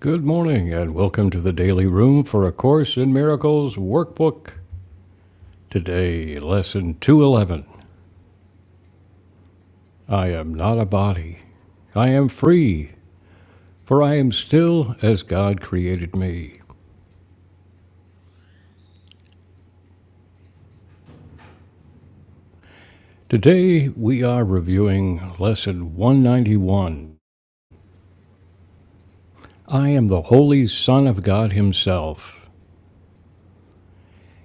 Good morning, and welcome to the Daily Room for A Course in Miracles Workbook. Today, Lesson 211 I am not a body. I am free, for I am still as God created me. Today, we are reviewing Lesson 191 I am the Holy Son of God Himself.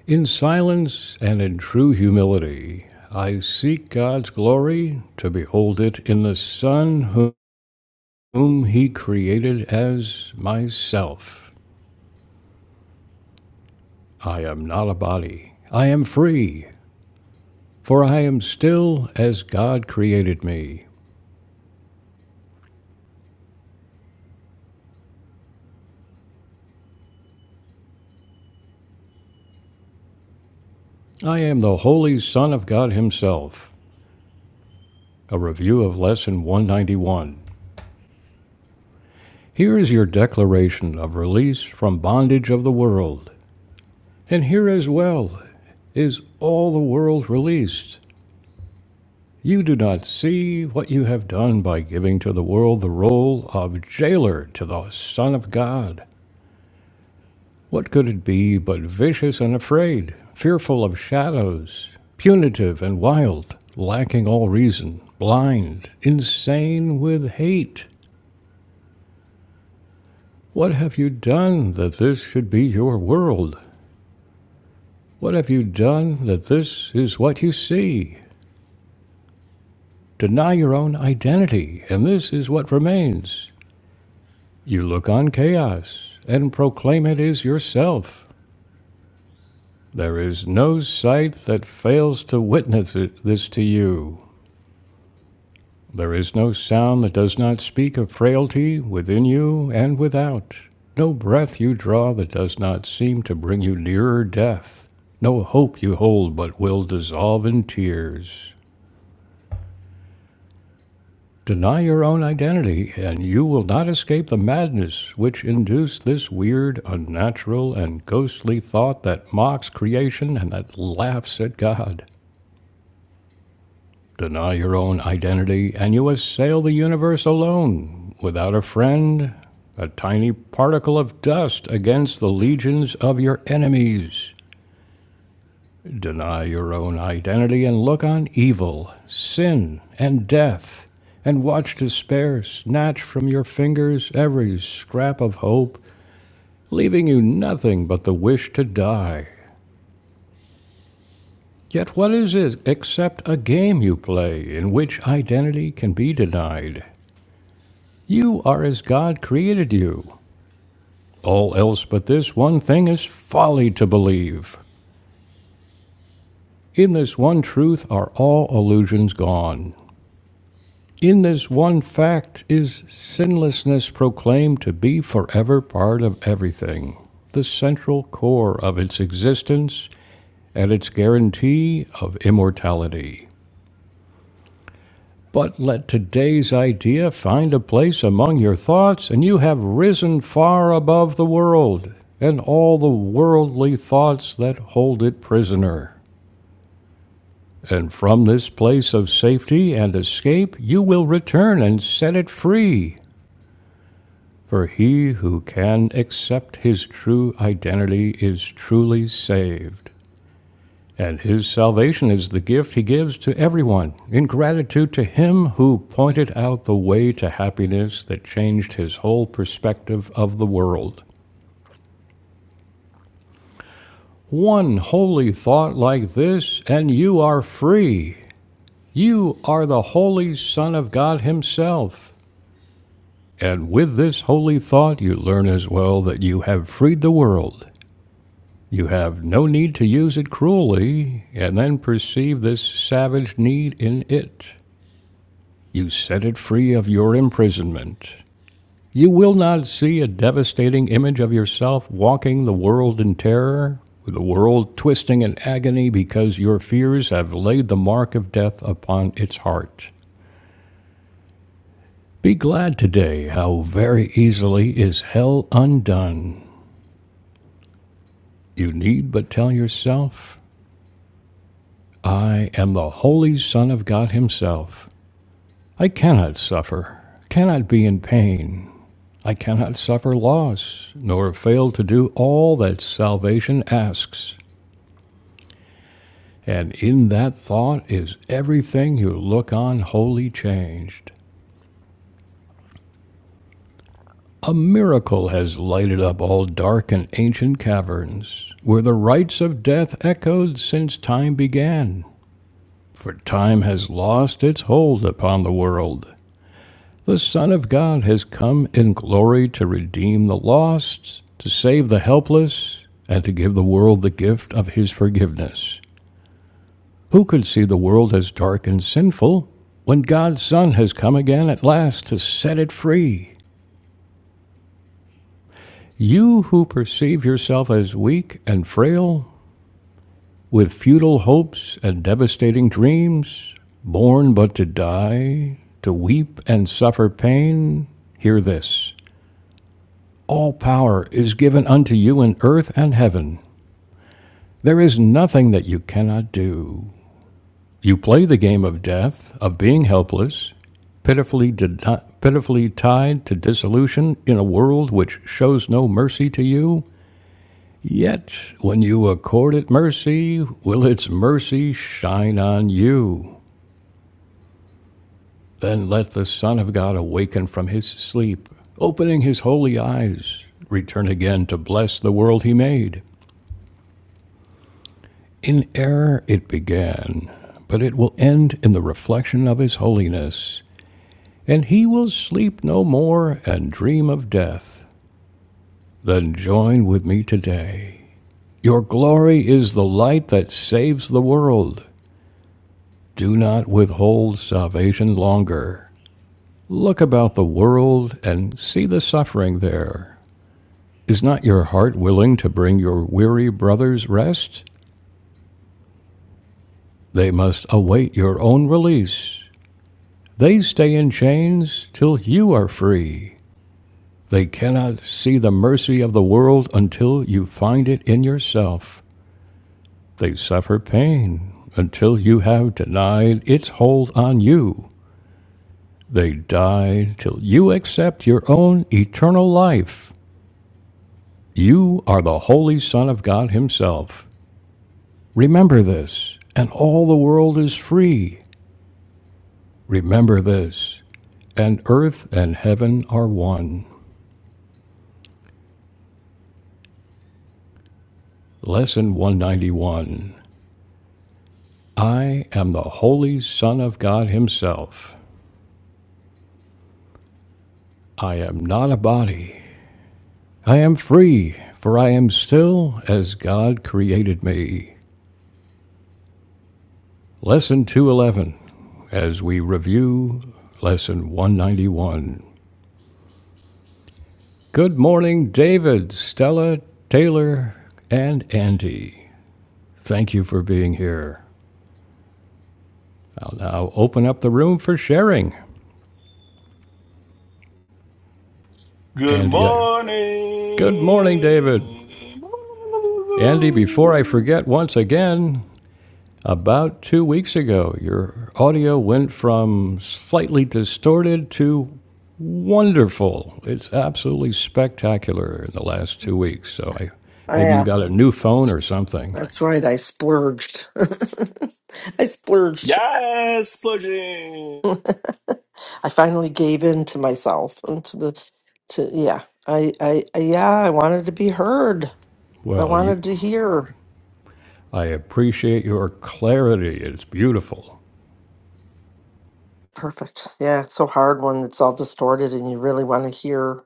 In silence and in true humility, I seek God's glory to behold it in the Son whom whom he created as myself. I am not a body. I am free, for I am still as God created me. I am the Holy Son of God Himself. A review of Lesson 191. Here is your declaration of release from bondage of the world. And here as well is all the world released. You do not see what you have done by giving to the world the role of jailer to the Son of God. What could it be but vicious and afraid, fearful of shadows, punitive and wild, lacking all reason, blind, insane with hate? What have you done that this should be your world? What have you done that this is what you see? Deny your own identity, and this is what remains. You look on chaos and proclaim it is yourself. There is no sight that fails to witness it, this to you. There is no sound that does not speak of frailty within you and without. No breath you draw that does not seem to bring you nearer death. No hope you hold but will dissolve in tears. Deny your own identity, and you will not escape the madness which induced this weird, unnatural, and ghostly thought that mocks creation and that laughs at God. Deny your own identity, and you assail the universe alone, without a friend, a tiny particle of dust against the legions of your enemies. Deny your own identity and look on evil, sin, and death, and watch despair snatch from your fingers every scrap of hope, leaving you nothing but the wish to die. Yet what is it except a game you play in which identity can be denied? You are as God created you. All else but this one thing is folly to believe. In this one truth are all illusions gone. In this one fact is sinlessness proclaimed to be forever part of everything, the central core of its existence and its guarantee of immortality. But let today's idea find a place among your thoughts, and you have risen far above the world and all the worldly thoughts that hold it prisoner. And from this place of safety and escape, you will return and set it free. For he who can accept his true identity is truly saved. And his salvation is the gift he gives to everyone in gratitude to him who pointed out the way to happiness that changed his whole perspective of the world. One holy thought like this, and you are free. You are the holy Son of God Himself. And with this holy thought, you learn as well that you have freed the world. You have no need to use it cruelly, and then perceive this savage need in it. You set it free of your imprisonment. You will not see a devastating image of yourself walking the world in terror, with the world twisting in agony because your fears have laid the mark of death upon its heart. Be glad today how very easily is hell undone. You need but tell yourself, I am the Holy Son of God Himself. I cannot suffer, cannot be in pain, I cannot suffer loss, nor fail to do all that salvation asks. And in that thought is everything you look on wholly changed. A miracle has lighted up all dark and ancient caverns, where the rites of death echoed since time began. For time has lost its hold upon the world, The Son of God has come in glory to redeem the lost, to save the helpless, and to give the world the gift of his forgiveness. Who could see the world as dark and sinful when God's Son has come again at last to set it free? You who perceive yourself as weak and frail, with futile hopes and devastating dreams, born but to die, to weep and suffer pain, hear this. All power is given unto you in earth and heaven. There is nothing that you cannot do. You play the game of death, of being helpless, pitifully, did pitifully tied to dissolution in a world which shows no mercy to you. Yet, when you accord it mercy, will its mercy shine on you? Then let the Son of God awaken from his sleep, opening his holy eyes, return again to bless the world he made, In error it began, but it will end in the reflection of his holiness, and he will sleep no more and dream of death. Then join with me today. Your glory is the light that saves the world. Do not withhold salvation longer. Look about the world and see the suffering there. Is not your heart willing to bring your weary brothers rest? They must await your own release. They stay in chains till you are free. They cannot see the mercy of the world until you find it in yourself. They suffer pain until you have denied its hold on you. They die till you accept your own eternal life. You are the Holy Son of God Himself. Remember this, and all the world is free. Remember this, and earth and heaven are one. Lesson 191. I am the Holy Son of God Himself. I am not a body. I am free, for I am still as God created me. Lesson 211, as we review Lesson 191. Good morning, David, Stella, Taylor, and Andy. Thank you for being here. I'll now open up the room for sharing. Good Andy, I- good morning, David. morning. Andy, before I forget once again, About two weeks ago, your audio went from slightly distorted to wonderful. It's absolutely spectacular in the last two weeks. So I, Oh, maybe you yeah, got a new phone or something. that's right. I splurged. I splurged. Yes, Splurging. I finally gave in to myself and to the to yeah. I, I I yeah, I wanted to be heard. I Well, you, wanted to hear. I appreciate your clarity. It's beautiful. Perfect. Yeah, it's so hard when it's all distorted and you really want to hear,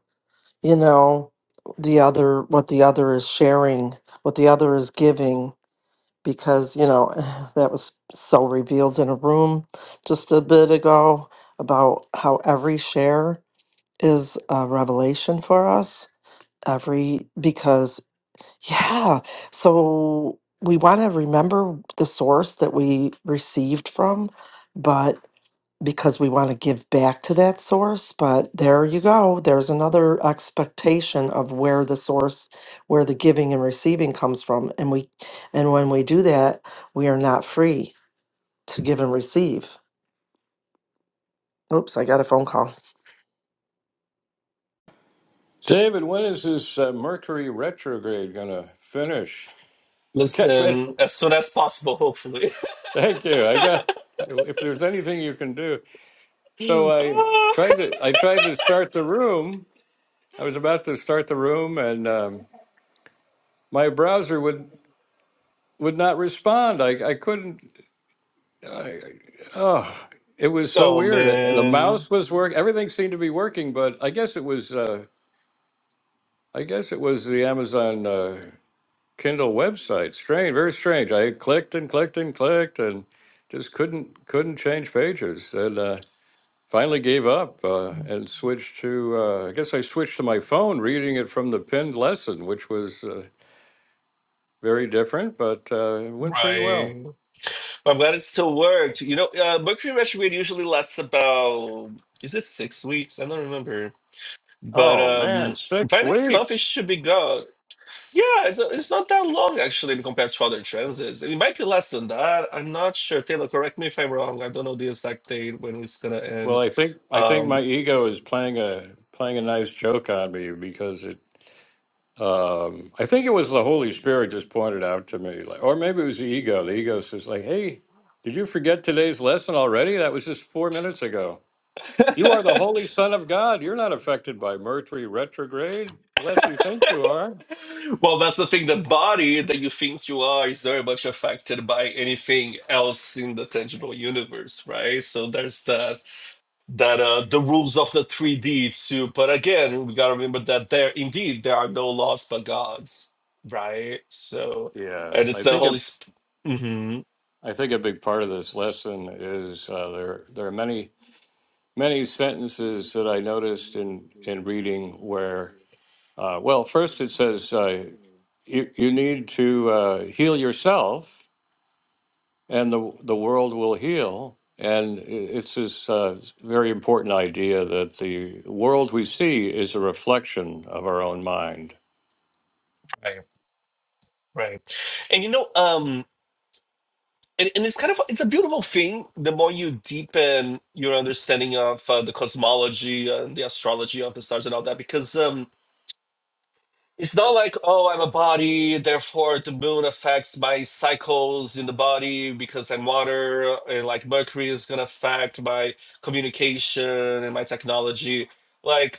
you know, the other what the other is sharing, what the other is giving. because you know that was so revealed in a room just a bit ago about how every share is a revelation for us every because yeah so we want to remember the source that we received from but because we want to give back to that source but there you go there's another expectation of where the source where the giving and receiving comes from and we and when we do that we are not free to give and receive oops i got a phone call David, when is this uh, Mercury retrograde going to finish? I got ready. Listen, as soon as possible, hopefully. Thank you. I got. If there's anything you can do, so I tried to. I tried to start the room, I was about to start the room, and um, my browser would would not respond. I I couldn't. I, oh, it was so oh, weird. Uh, The man. mouse was work. Everything seemed to be working, but I guess it was. Uh, I guess it was the Amazon uh, Kindle website. Strange, very strange. I clicked and clicked and clicked, and just couldn't couldn't change pages, and uh, finally gave up uh, and switched to. Uh, I guess I switched to my phone, reading it from the pinned lesson, which was. Uh, very different, but uh, it went pretty well. Right. I'm glad it still worked. You know, uh, Mercury retrograde usually lasts about, is it six weeks? I don't remember. But Oh man, um, by six next month, it weeks. should be gone. Yeah, it's, uh, it's not that long actually compared to other transits. It might be less than that. I'm not sure. Taylor, correct me if I'm wrong. I don't know the exact date when it's gonna Well, end. I think I think my Um, ego is playing a playing a nice joke on me because it. Um, I think it was the Holy Spirit just pointed out to me, like, or maybe it was the ego. The ego says, like, "Hey, did you forget today's lesson already? That was just four minutes ago. You are the Holy Son of God. You're not affected by Mercury retrograde, unless you think you are." well, that's the thing. The body that you think you are is very much affected by anything else in the tangible universe, right? So there's that that uh, the rules of the 3D too. But again, we gotta remember that there indeed there are no laws but gods, right? So and Yes, it's I the think a Holy Spirit. I think a big part of this lesson is uh, there. There are many many sentences that I noticed in in reading where, uh, well, first it says uh, you you need to uh, heal yourself, and the the world will heal. And i- it's this uh, very important idea that the world we see is a reflection of our own mind. Right. And you know, um, and, and it's kind of it's a beautiful thing. The more you deepen your understanding of uh, the cosmology and the astrology of the stars and all that, because um, it's not like, oh, I'm a body, therefore the moon affects my cycles in the body because I'm water, and like Mercury is gonna affect my communication and my technology. Like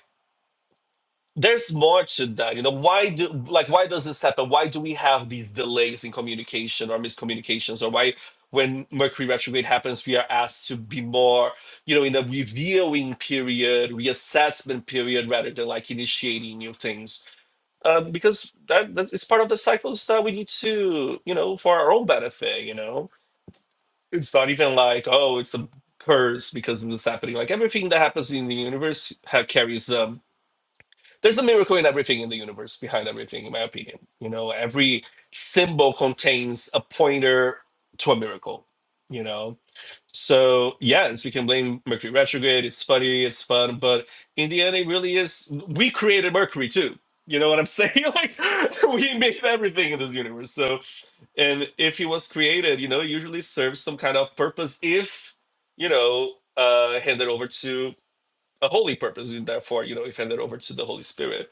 There's more to that. You know, why do like why does this happen? Why do we have these delays in communication or miscommunications? Or why when Mercury retrograde happens, we are asked to be more, you know, in the reviewing period, reassessment period, rather than like initiating new things. Um, because that that's, it's part of the cycles that we need to, you know, for our own benefit, you know. It's not even like, oh, it's a curse because of this happening. Like everything that happens in the universe ha- carries um there's a miracle in everything in the universe behind everything in my opinion you know every symbol contains a pointer to a miracle you know so yes we can blame mercury retrograde it's funny it's fun but in the end it really is we created mercury too you know what i'm saying like we made everything in this universe so and if it was created you know it usually serves some kind of purpose if you know uh handed over to a holy purpose and therefore you know if handed over to the holy spirit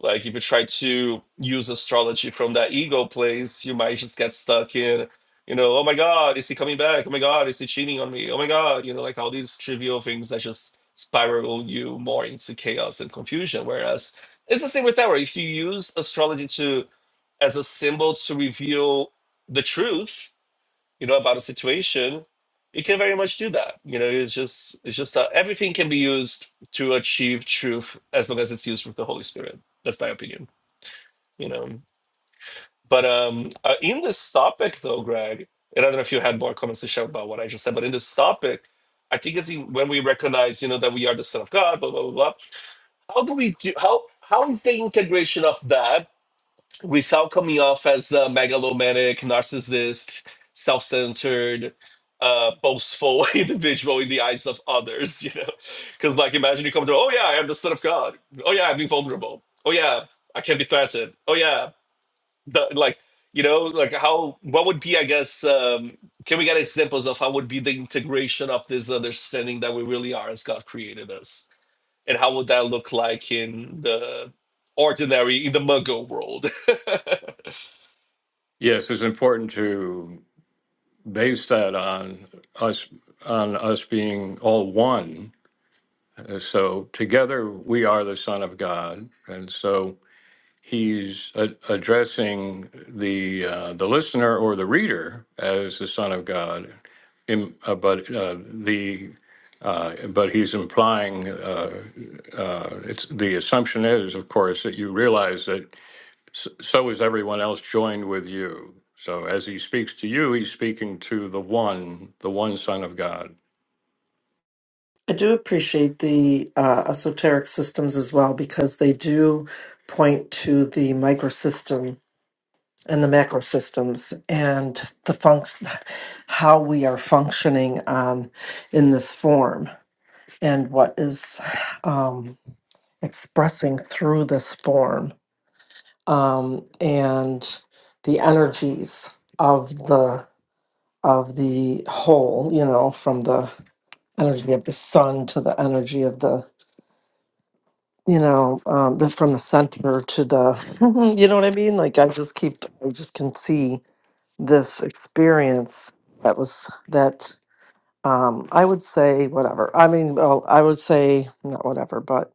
like if you try to use astrology from that ego place, you might just get stuck in, you know, oh my God, is he coming back? Oh my God, is he cheating on me? Oh my God, you know, like all these trivial things that just spiral you more into chaos and confusion. Whereas it's the same with tarot. If you use astrology to as a symbol to reveal the truth, you know, about a situation, you can very much do that. You know, it's just it's just that everything can be used to achieve truth as long as it's used with the Holy Spirit. That's my opinion you know. But um, uh, in this topic, though, Greg, and I don't know if you had more comments to share about what I just said, but in this topic, I think it's in- when we recognize, you know, that we are the son of God, blah blah blah. blah how do we do? How how is the integration of that without coming off as a megalomaniac, narcissist, self-centered? uh boastful individual in the eyes of others you know because like imagine you come to oh yeah i am the son of god oh yeah i'm invulnerable oh yeah I can be threatened. Oh yeah, the like you know like how what would be i guess um can we get examples of how would be the integration of this understanding that we really are as god created us and how would that look like in the ordinary in the muggle world Yes, it's important to base that on us on us being all one. Uh, So together we are the Son of God, and so he's a- addressing the uh, the listener or the reader as the Son of God, im- uh, but uh, the uh, but he's implying uh, uh, it's the assumption is, of course, that you realize that s- so is everyone else joined with you. So as he speaks to you, he's speaking to the one, the one Son of God. i do appreciate the uh, esoteric systems as well because they do point to the microsystem and the macro systems and the func- how we are functioning on in this form and what is um, expressing through this form um, and the energies of the of the whole you know from the energy of the sun to the energy of the you know um, the, from the center to the you know what i mean like i just keep i just can see this experience that was that Um, I would say whatever. I mean, well, I would say not whatever, but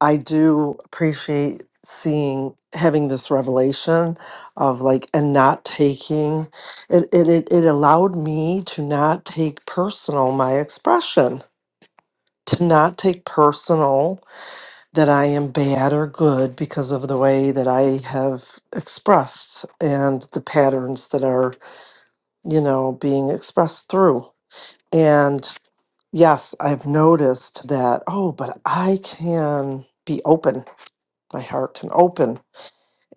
I do appreciate seeing having this revelation of like and not taking it it it, it allowed me to not take personal my expression to not take personal that I am bad or good because of the way that I have expressed and the patterns that are, you know, being expressed through. Yes, I've noticed that. Oh, but I can be open. My heart can open.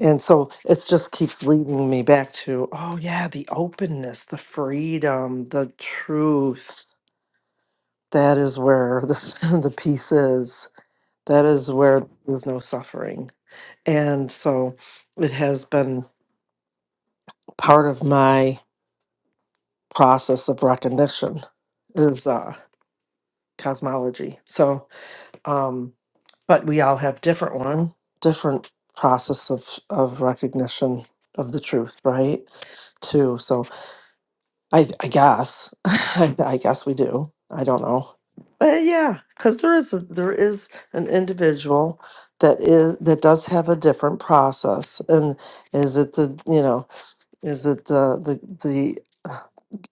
And so it just keeps leading me back to, oh, yeah, the openness, the freedom, the truth. That is where this, the peace is. That is where there's no suffering. And so it has been part of my process of recognition is uh, cosmology. So um. but we all have different one, different process of of recognition of the truth, right? Too. So I I guess I, I guess we do. I don't know. But yeah, because there is a, there is an individual that is that does have a different process, and is it the you know is it uh, the the uh,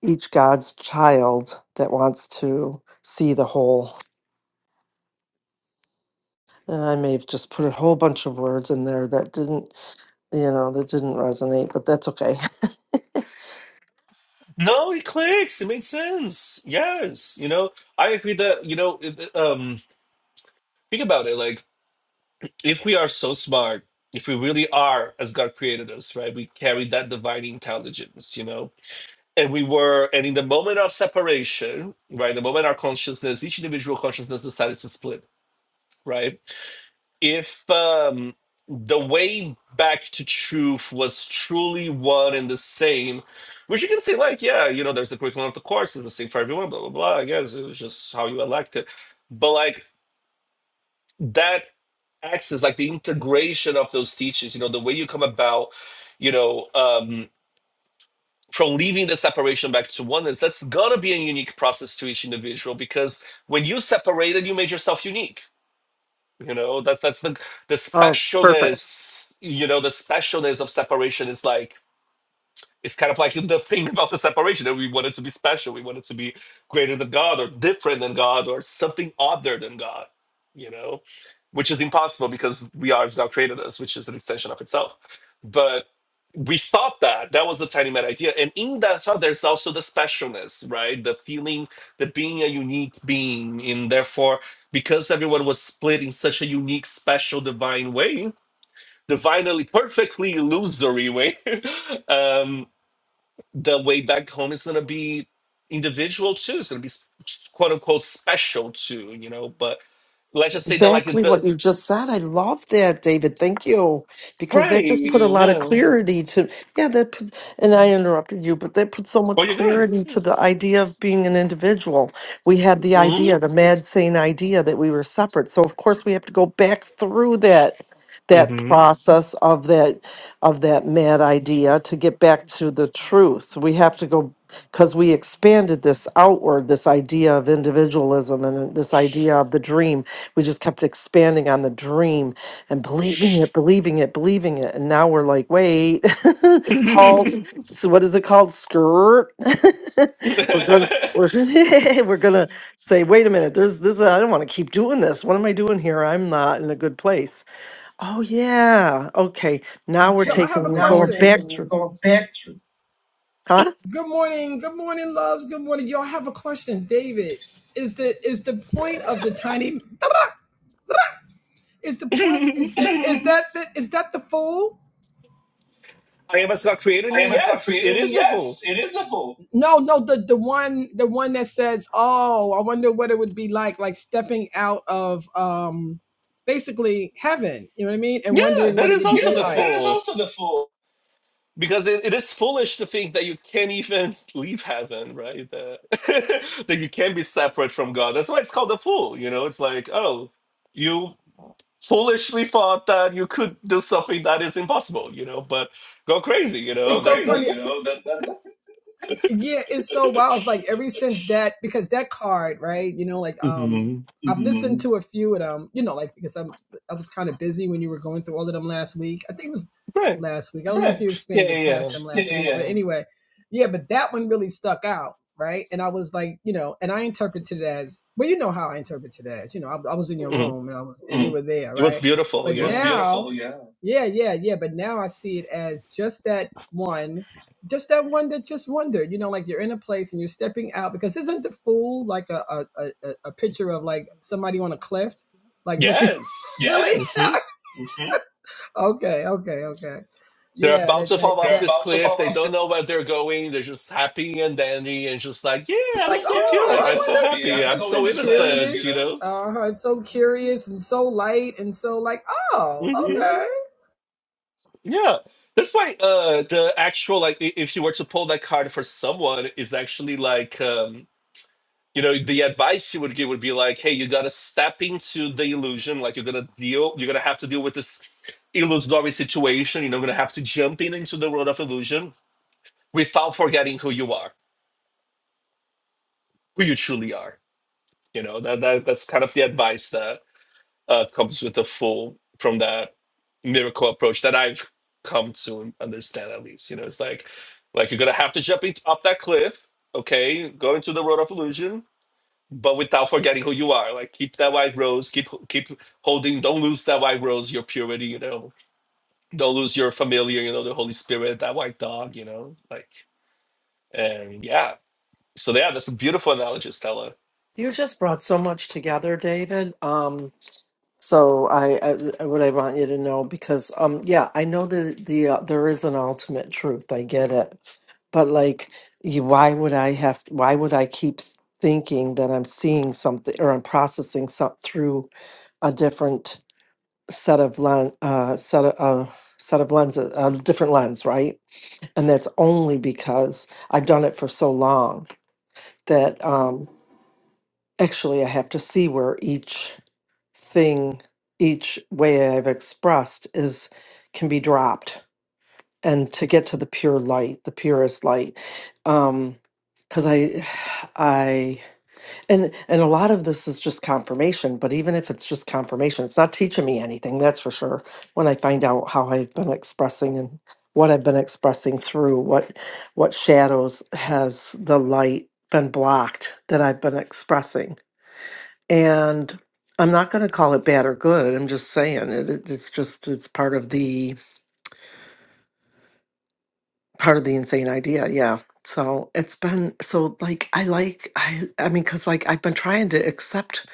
each God's child that wants to see the whole. And I may have just put a whole bunch of words in there that didn't you know, that didn't resonate, but that's okay. no it clicks it makes sense yes you know i agree that you know it, um think about it like if we are so smart if we really are as god created us right we carry that divine intelligence you know and we were and in the moment of separation right the moment our consciousness each individual consciousness decided to split right if um the way back to truth was truly one and the same which you can say like yeah you know there's the curriculum of the course it's the same for everyone blah blah blah i guess it was just how you elect it but like that access like the integration of those teachings you know the way you come about you know um, from leaving the separation back to oneness, that's going to be a unique process to each individual because when you separated, you made yourself unique. You know, that's that's the the Oh, perfect. specialness, you know, the specialness of separation is like it's kind of like the thing about the separation that we want it to be special. We want it to be greater than God or different than God or something other than God, you know, which is impossible because we are as God created us, which is an extension of itself. But we thought that that was the tiny mad idea and in that thought there's also the specialness right the feeling that being a unique being and therefore because everyone was split in such a unique special divine way divinely perfectly illusory way um the way back home is going to be individual too it's going to be s- quote unquote special too you know but let's just say that like Exactly what the you just said. I love that, David. Thank you. Because right that just put a lot of yeah oh clarity to, yeah, that put, and I interrupted you, but that put so much you're good clarity to the idea of being an individual. We had the hmm idea, the mad sane idea that we were separate. So of course we have to go back through that that hmm process of that of that mad idea to get back to the truth. We have to go because we expanded this outward, this idea of individualism and this idea of the dream we just kept expanding on the dream and believing it, believing it, believing it. And now we're like, wait, halt. So what is it called? Skirt. we're gonna we're, we're gonna say, wait a minute, there's this I don't want to keep doing this. What am I doing here? I'm not in a good place. Oh yeah. Okay. Now we're Yo, Okay, I taking have a we're now question. Now we're going back taking, we're through. going back through. Huh? Good morning, good morning, loves. Good morning. Y'all I have a question, David. Is the is the point of the tiny? Is the point is the, is that the, is that the fool? I am as God created I me. am a not Yes, it creating is me. the Yes, fool. it is the fool. No, no, the the one the one that says, "Oh, I wonder what it would be like, like stepping out of um, basically heaven." You know what I mean? And Yeah, wondering that what it is would be also Yeah, the like. That is fool. also the fool. Because it, it is foolish to think that you can't even leave heaven, right? That, that you can be separate from God. That's why it's called the fool. You know, it's like, oh, you foolishly thought that you could do something that is impossible, you know, but go crazy, you It's know, so, so that, crazy, that's funny, you know. That, that's Yeah, it's so wild. It's like ever since that because that card, right? You know, like um hmm I've listened Mhm. to a few of them, you know, like because I'm I was kind of busy when you were going through all of them last week. I think it was right. last week. I don't right. know if Right. you Yeah, yeah, expanded past yeah. them Yeah, last yeah, week, yeah. but yeah. anyway, yeah, but that one really stuck out, right? And I was like, you know, and I interpreted it as well, you know how I interpreted it as, you know, I, I was in your Mhm. room and I was mm. and you Mm. were there, It was right? beautiful. But It was Yeah. now was beautiful. Yeah. yeah, yeah, yeah. But now I see it as just that one just that one that just wondered, you know, like you're in a place and you're stepping out because isn't the fool like a a, a, a picture of like somebody on a cliff, like looking Yes. Yeah. really? Mm-hmm. Yes. hmm Okay, okay, okay. They're Yeah, about that to that fall They're off that. this about to cliff. fall They off don't the know where they're going. They're just happy and dandy and just like, yeah, It's so I'm like, so oh, I'm pure. I so I'm wonder. so happy. I'm happy. It's I'm so so so innocent, curious. innocent, you you know? know? Uh huh. It's so curious and so light and so like, oh, hmm hmm okay. Mm-hmm. Yeah. That's why uh, the actual, like, i- if you were to pull that card for someone, is actually like, um, you know, the advice you would give would be like, hey, you got to step into the illusion. Like, you're going to deal, you're going to have to deal with this illusory situation. You know, going to have to jump in into the world of illusion without forgetting who you are, who you truly are You know that, that that's kind of the advice that uh, comes with the full from that miracle approach that I've come to understand at least. You know, it's like like you're gonna have to jump it off that cliff, okay? Go into the road of illusion, but without forgetting who you are. Like keep that white rose, keep keep holding. Don't lose that white rose, your purity. You know, don't lose your familiar. You know, the Holy Spirit, that white dog. You know, like and yeah. So yeah, that's a beautiful analogy, Stella You just brought so much together, David. Um So I, I what I want you to know because um yeah I know that the uh, there is an ultimate truth I get it but like you, why would I have why would I keep s- thinking that I'm seeing something or I'm processing something through a different set of lens uh set of uh, set of lenses a different lens right and that's only because I've done it for so long that um actually i have to see where each thing each way i've expressed is can be dropped and to get to the pure light the purest light um because i i and and a lot of this is just confirmation but even if it's just confirmation it's not teaching me anything that's for sure when i find out how i've been expressing and what i've been expressing through what what shadows has the light been blocked that i've been expressing and I'm not going to call it bad or good. I'm just saying it, it- It's just it's part of the part of the insane idea. Yeah. So it's been so like I like I I mean because like I've been trying to accept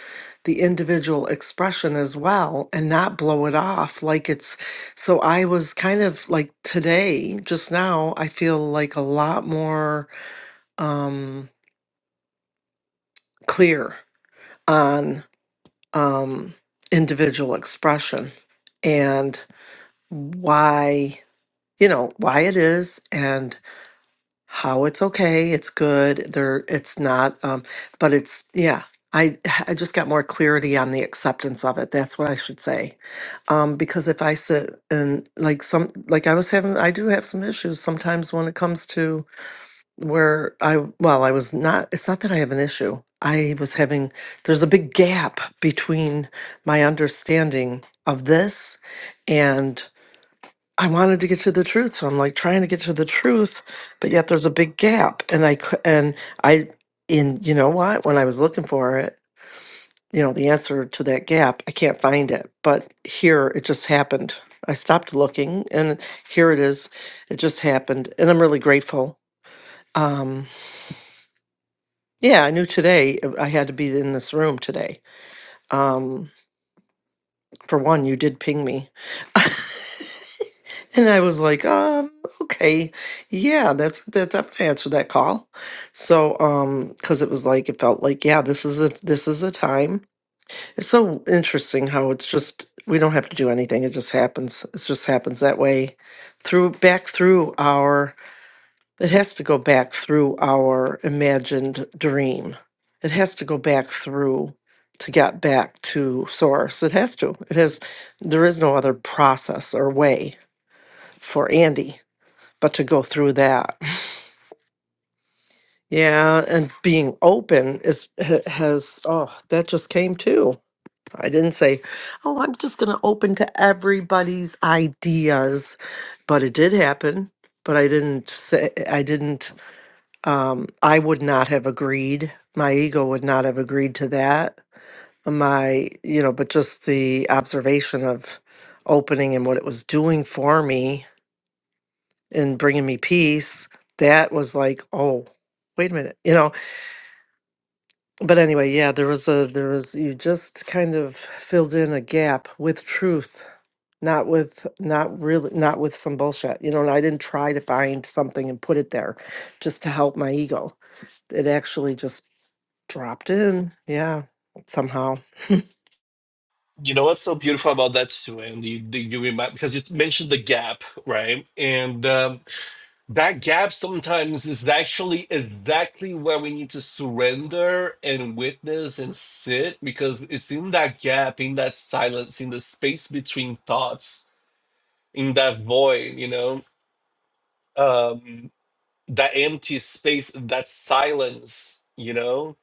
the individual expression as well and not blow it off like it's so I was kind of like today just now I feel like a lot more um clear on um individual expression and. why you know why it is and how it's okay it's good there it's not um but it's yeah i i just got more clarity on the acceptance of it that's what i should say um because if i sit and like some like i was having i do have some issues sometimes when it comes to where i well i was not it's not that i have an issue i was having there's a big gap between my understanding of this and. I wanted to get to the truth, so I'm like trying to get to the truth, but yet there's a big gap, and I cou- and I in you know what when I was looking for it, you know the answer to that gap, I can't find it. But here it just happened. I stopped looking, and here it is. It just happened, and I'm really grateful. Um, yeah, I knew today uh, I had to be in this room today. Um, for one, you did ping me. And I was like, um, okay, yeah, that's that's I'm gonna answer that call. So, um, because it was like it felt like, yeah, this is a this is a time. It's so interesting how it's just we don't have to do anything. It just happens. It just happens that way. Through back through our it has to go back through our imagined dream. It has to go back through to get back to source. It has to. It has there is no other process or way for Andy but to go through that yeah and being open is ha- has oh that just came too i didn't say oh i'm just going to open to everybody's ideas but it did happen but i didn't say i didn't um i would not have agreed my ego would not have agreed to that my you know but just the observation of opening and what it was doing for me and bringing me peace that was like oh wait a minute you know but anyway yeah there was a there was you just kind of filled in a gap with truth not with not really not with some bullshit you know and i didn't try to find something and put it there just to help my ego it actually just dropped in yeah somehow You know what's so beautiful about that too, and you you you remind because you mentioned the gap, right? And um, that gap sometimes is actually exactly where we need to surrender and witness and sit, because it's in that gap, in that silence, in the space between thoughts, in that void, you know, um, that empty space, that silence, you know,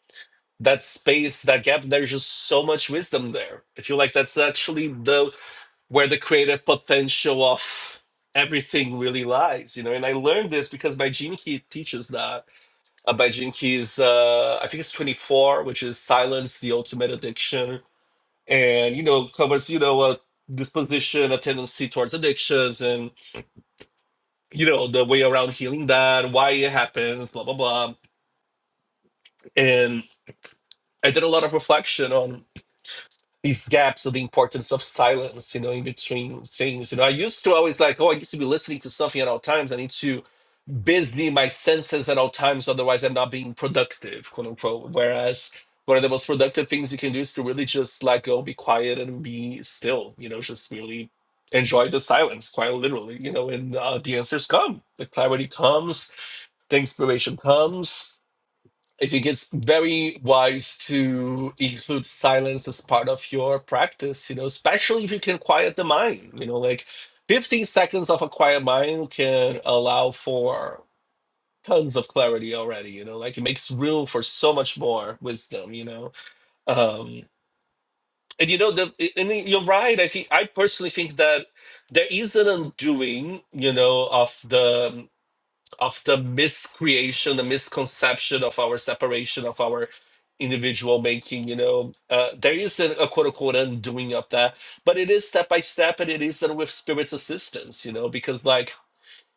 that space, that gap. There's just so much wisdom there. I feel like that's actually the where the creative potential of everything really lies, you know. And I learned this because Byjin Key teaches that. Uh, Byjin is, uh, I think it's 24, which is Silence, the Ultimate Addiction. And, you know, covers, you know, a disposition, a tendency towards addictions and, you know, the way around healing that, why it happens, blah, blah, blah. And I did a lot of reflection on these gaps of the importance of silence, you know, in between things. You know, I used to always like, oh, I used to be listening to something at all times. I need to busy my senses at all times otherwise i'm not being productive quote unquote whereas one of the most productive things you can do is to really just let go be quiet and be still you know just really enjoy the silence quite literally you know and uh, the answers come the clarity comes the inspiration comes i think it's very wise to include silence as part of your practice you know especially if you can quiet the mind you know like 15 seconds of a quiet mind can allow for tons of clarity already you know like it makes room for so much more wisdom you know um and you know the and you're right i think i personally think that there is an undoing you know of the of the miscreation the misconception of our separation of our individual making you know uh, there is a, a quote unquote undoing of that but it is step by step and it is done with spirit's assistance you know because like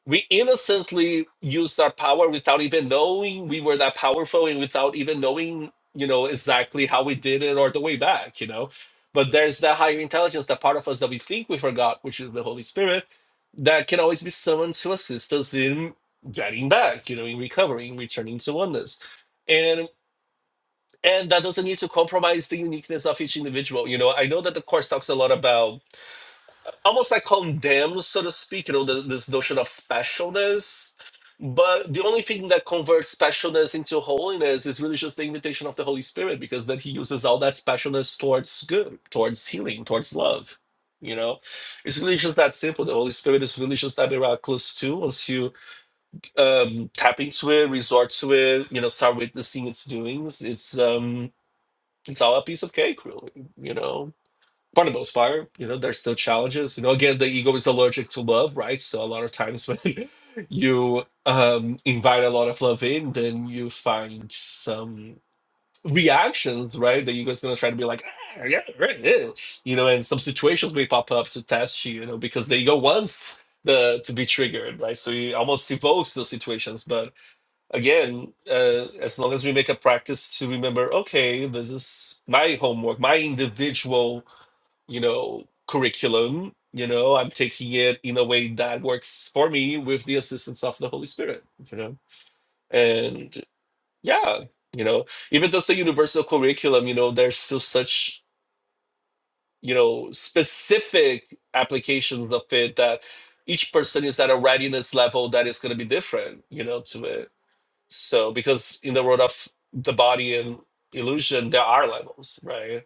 we innocently used our power without even knowing we were that powerful and without even knowing you know exactly how we did it or the way back you know but there's that higher intelligence that part of us that we think we forgot which is the holy spirit that can always be summoned to assist us in getting back you know in recovering returning to oneness and and that doesn't need to compromise the uniqueness of each individual you know i know that the course talks a lot about almost like condemns, so to speak, you know, the, this notion of specialness. But the only thing that converts specialness into holiness is really just the invitation of the Holy Spirit, because then He uses all that specialness towards good, towards healing, towards love. You know, it's really just that simple. The Holy Spirit is really just that miraculous too. Once you um, tap into it, resort to it, you know, start witnessing its doings, it's um, it's all a piece of cake, really. You know, for the most part of those fire you know there's still challenges you know again the ego is allergic to love right so a lot of times when you um invite a lot of love in then you find some reactions right the ego is going to try to be like ah, yeah right ew," you know and some situations may pop up to test you you know because the ego wants the to be triggered right so he almost evokes those situations but again uh, as long as we make a practice to remember okay this is my homework my individual you know, curriculum. You know, I'm taking it in a way that works for me with the assistance of the Holy Spirit, you know? And yeah, you know, even though it's a universal curriculum, you know, there's still such, you know, specific applications of it that each person is at a readiness level that is going to be different, you know, to it. So, because in the world of the body and illusion, there are levels, right?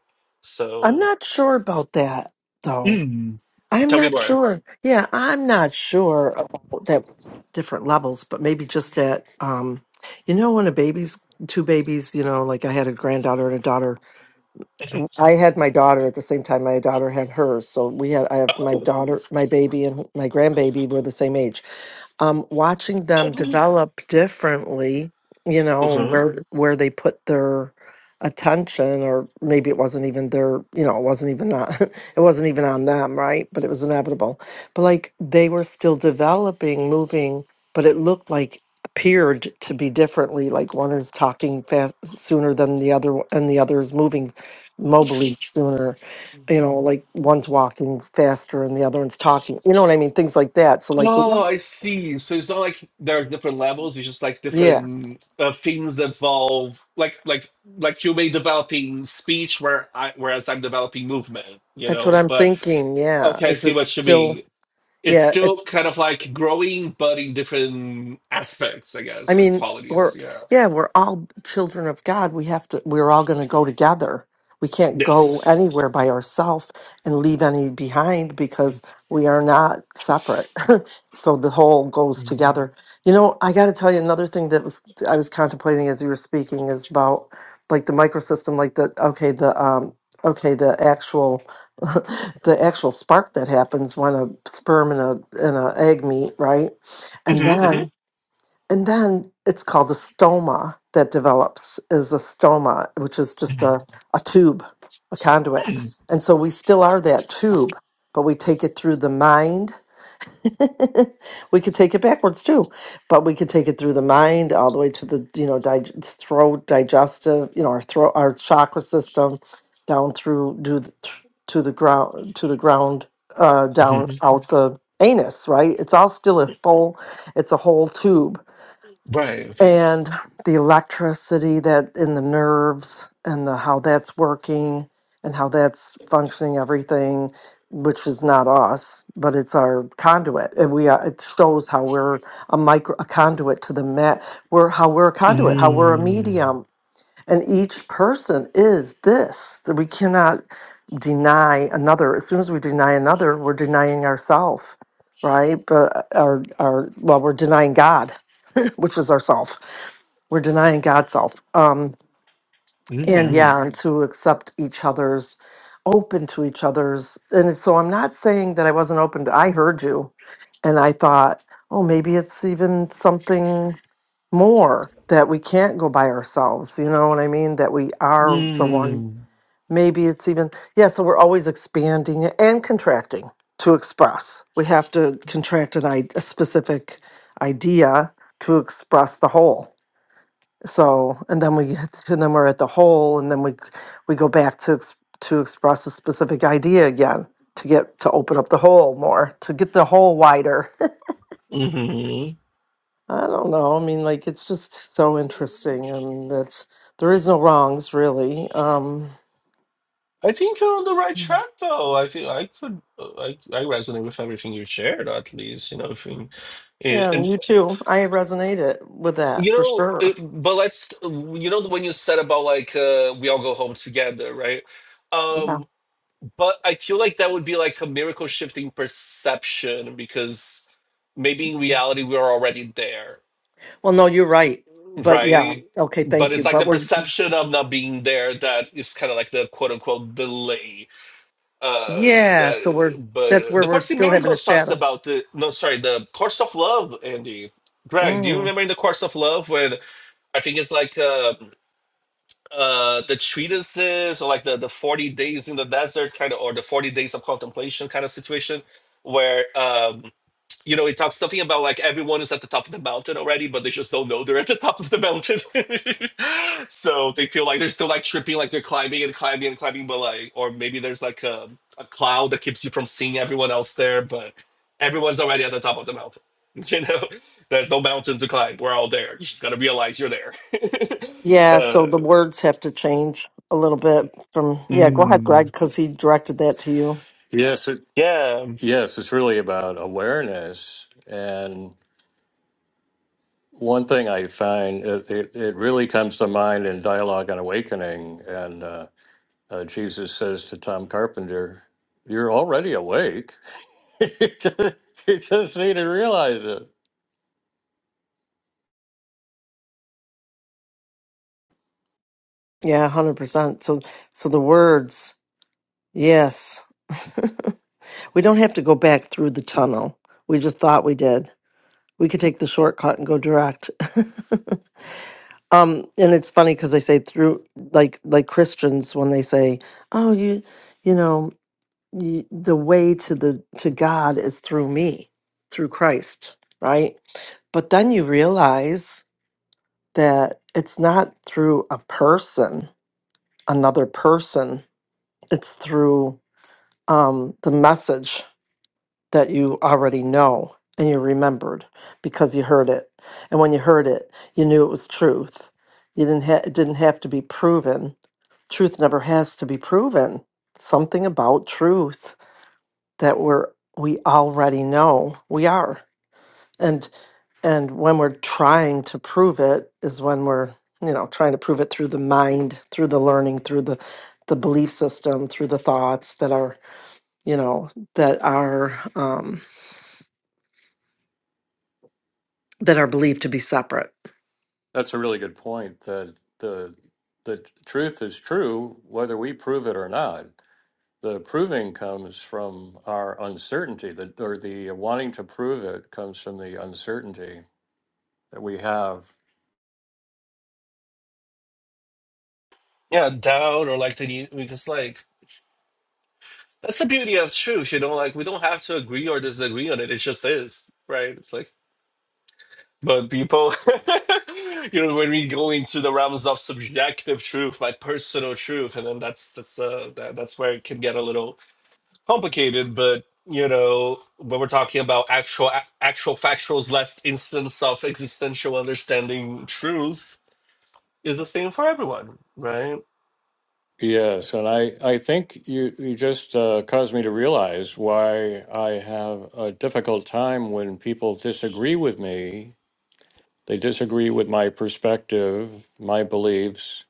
i'm So, not sure about that though. mm, I'm tell me not more. sure. Yeah, I'm not sure about that different levels, but maybe just that um you know when a baby's two babies, you know, like I had a granddaughter and a daughter Mhm. I had my daughter at the same time my daughter had hers. So we had I have my Oh. daughter, my baby and my grandbaby were the same age. Um watching them develop differently, you know, and Mhm. where where they put their attention or maybe it wasn't even their, you know, it wasn't even on, it wasn't even on them, right? But it was inevitable. But like they were still developing, moving, but it looked like appeared to be differently like one is talking fast sooner than the other one- and the other is moving mobily sooner you know like one's walking faster and the other one's talking you know what i mean things like that so like we, Oh, I see. So it's not like there are different levels. It's just like yeah different uh, things evolve. Like like like you may developing speech, where I whereas I'm developing movement. You that's what know, i'm but thinking yeah okay, I is see it what you still mean. It's yeah it's still kind of like growing, but in different aspects, I I guess, or mean, we're qualities. Yeah. yeah, we're all children of God. We have to. We're all going to go together. We can't go Yes. anywhere by ourselves and leave any behind because we are not separate. so the whole goes Mhm. together. You know, I got to tell you another thing that was I was contemplating as you were speaking is about like the microsystem, like the okay, the um, okay, the actual. the actual spark that happens when a sperm and a and a egg meet, right? And then Mhm. and then it's called a stoma that develops is a stoma, which is just a, a tube, a conduit. And so we still are that tube, but we take it through the mind. we could take it backwards too, but we could take it through the mind all the way to the, you know, dig- throat, digestive, you know, our throat, our chakra system down through do the, to the ground, to the ground, uh, down Mhm. out the anus, right? It's all still a full, it's a whole tube Right. and the electricity that in the nerves and the how that's working and how that's functioning everything which is not us but it's our conduit and we are, it shows how we're a micro a conduit to the mat we're how we're a conduit how we're a Mm. medium and each person is this, that we cannot deny another. As soon as we deny another, we're denying ourselves, right? But uh, our, our, well, we're denying God, which is ourself. We're denying God's self. Um, and Mhm. yeah, and to accept each other's, open to each other's. And it's- so I'm not saying that I wasn't open to, I heard you and I thought, oh, maybe it's even something more that we can't go by ourselves. You know what I mean? That we are the one. Mm. Maybe it's even, yeah, so we're always expanding and contracting to express. We have to contract an, i- a specific idea to express the whole. So, and then we, get to- and then we're at the whole, and then we, we go back to, ex- to express a specific idea again to get, to open up the whole more, to get the whole wider Mhm. I don't know. I mean, like it's just so interesting. I mean, that there is no wrongs really. Um, I think you're on the right track, though. I think I could, uh, I, I resonate with everything you shared. At least, you know, if you, and yeah, and and, you too. I resonated with that you for know, sure. it, but let's, you know, when you said about like uh, we all go home together, right? Yeah. Um, but I feel like that would be like a miracle shifting perception because maybe in reality we're already there, Well, no, you're right. But yeah, right? okay, But thank you. it's like But the we're perception of not being there that is kind of like the quote unquote delay uh yeah, so we're that that's but where the we're course in still having a miracles talks shadow. about the no sorry the course of love andy greg do you Mm. remember in the course of love when i think it's like uh uh the treatises or like the the 40 days in the desert kind of or the 40 days of contemplation kind of situation where um you know, it talks something about like everyone is at the top of the mountain already, but they just don't know they're at the top of the mountain. so they feel like they're still like tripping, like they're climbing and climbing and climbing, but like, or maybe there's like a, a cloud that keeps you from seeing everyone else there, but everyone's already at the top of the mountain. You know, there's no mountain to climb. We're all there. You just gotta realize you're there. Yeah, uh, so the words have to change a little bit from yeah. Go ahead, mm, Greg, because he directed that to you. Yes, it, yeah, yes, it's really about awareness and One thing I find it, it, it really comes to mind in Dialogue on Awakening, and uh, uh, Jesus says to Tom Carpenter, "You're already awake. you, just, you just need to realize it." Yeah, one hundred percent. So so the words, yes. We don't have to go back through the tunnel. We just thought we did. We could take the shortcut and go direct. um, and it's funny because they say through, like like Christians when they say, "Oh, you, you know, you, the way to the to God is through me, through Christ," right? But then you realize that it's not through a person, another person. It's through um, the message that you already know and you remembered because you heard it. And when you heard it, you knew it was truth. You didn't ha- it didn't have to be proven. Truth never has to be proven. Something about truth that we're we already know we are. And and when we're trying to prove it is when we're, you know, trying to prove it through the mind, through the learning, through the the belief system, through the thoughts that are, you know, that are um that are believed to be separate. That's a really good point. That the the truth is true, whether we prove it or not. The proving comes from our uncertainty, that or the wanting to prove it comes from the uncertainty that we have yeah, down or like the because like That's the beauty of truth, you know, like we don't have to agree or disagree on it. It just is, right? It's like, but people, you know, when we go into the realms of subjective truth, like personal truth, and then that's that's uh that, that's where it can get a little complicated. But you know, when we're talking about actual a- actual factuals, last instance of existential understanding, truth is the same for everyone, right? Yes, and I, I think you, you just uh, caused me to realize why I have a difficult time when people disagree with me. They disagree with my perspective, my beliefs.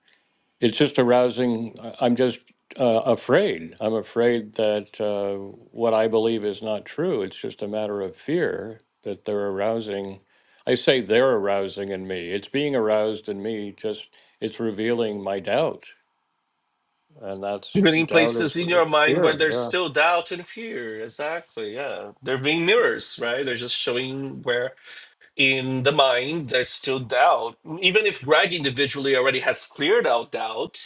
It's just arousing. I- I'm just uh, afraid. I'm afraid that uh, what I believe is not true. It's just a matter of fear that they're arousing. I say they're arousing in me. It's being aroused in me, just it's revealing my doubts and that's Creating doubt is places in your mind where fear. there's Yeah, still doubt and fear. Exactly. Yeah. They're being mirrors, right? They're just showing where in the mind there's still doubt. Even if Greg individually already has cleared out doubt,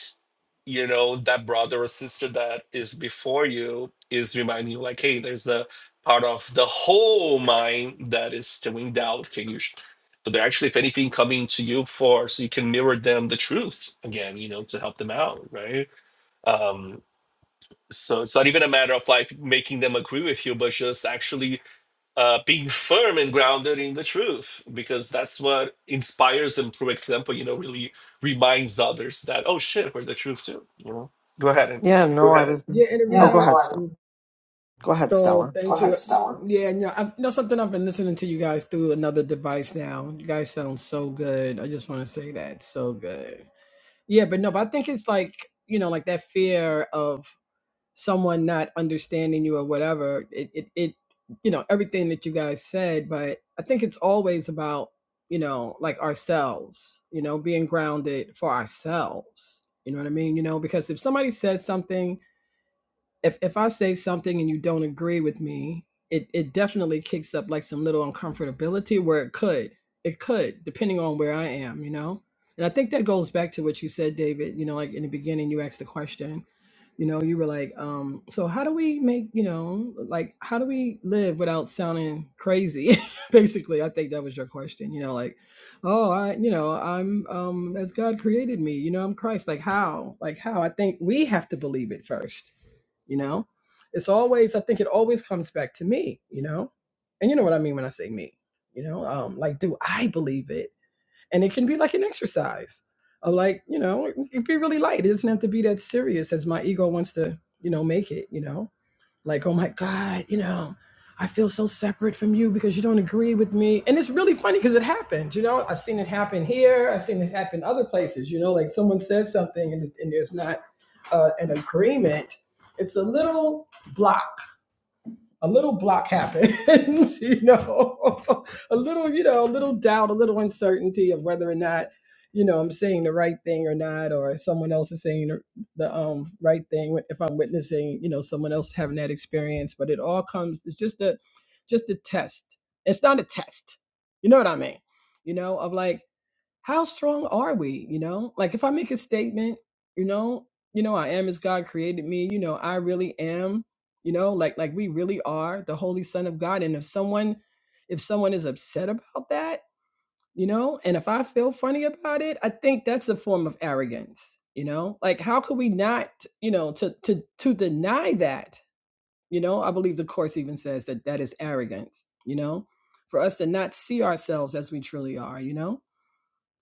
you know, that brother or sister that is before you is reminding you, like, hey, there's a part of the whole mind that is still in doubt. Can you? sh- So they're actually, if anything, coming to you for so you can mirror them the truth again, you know, to help them out, right? Um, so it's not even a matter of like making them agree with you, but just actually uh, being firm and grounded in the truth, because that's what inspires them through example. You know, really reminds others that oh shit, we're the truth too. You know, go ahead and Yeah, Go no, I ahead. was. you Oh, Yeah, go no ahead, Stella. Go ahead, So Stella. Go thank ahead, you. Ahead, Stella. Yeah, no, I you know something. I've been listening to you guys through another device now. You guys sound so good. I just want to say that so good. Yeah, but no, but I think it's like you know, like that fear of someone not understanding you or whatever. It, it, it you know, everything that you guys said. But I think it's always about you know, like ourselves. You know, being grounded for ourselves. You know what I mean? You know, because if somebody says something if if I say something and you don't agree with me, it it definitely kicks up like some little uncomfortability where it could. It could, depending on where I am, you know? And I think that goes back to what you said, David, you know, like in the beginning you asked the question, you know, you were like, um, so how do we make, you know, like how do we live without sounding crazy? Basically, I think that was your question, you know, like, oh, I, you know, I'm um as God created me, you know, I'm Christ. Like how? Like how? I think we have to believe it first you know it's always i think it always comes back to me you know and you know what i mean when i say me you know um like do i believe it and it can be like an exercise of like you know it can be really light it doesn't have to be that serious as my ego wants to you know make it you know like, oh my God, you know, I feel so separate from you because you don't agree with me. And it's really funny because it happened, you know, I've seen it happen here. I've seen this happen other places, you know, like someone says something and, and there's not uh, an agreement. It's a little block a little block happens, you know, a little, you know, a little doubt, a little uncertainty of whether or not, you know, I'm saying the right thing or not, or someone else is saying the, the um, right thing. If I'm witnessing, you know, someone else having that experience, but it all comes, it's just a, just a test. It's not a test. You know what I mean? You know, of like, how strong are we you know like if i make a statement you know you know i am as god created me you know i really am you know like like we really are the holy son of god and if someone if someone is upset about that you know and if i feel funny about it i think that's a form of arrogance you know like how could we not you know to to to deny that you know i believe the course even says that that is arrogance you know for us to not see ourselves as we truly are you know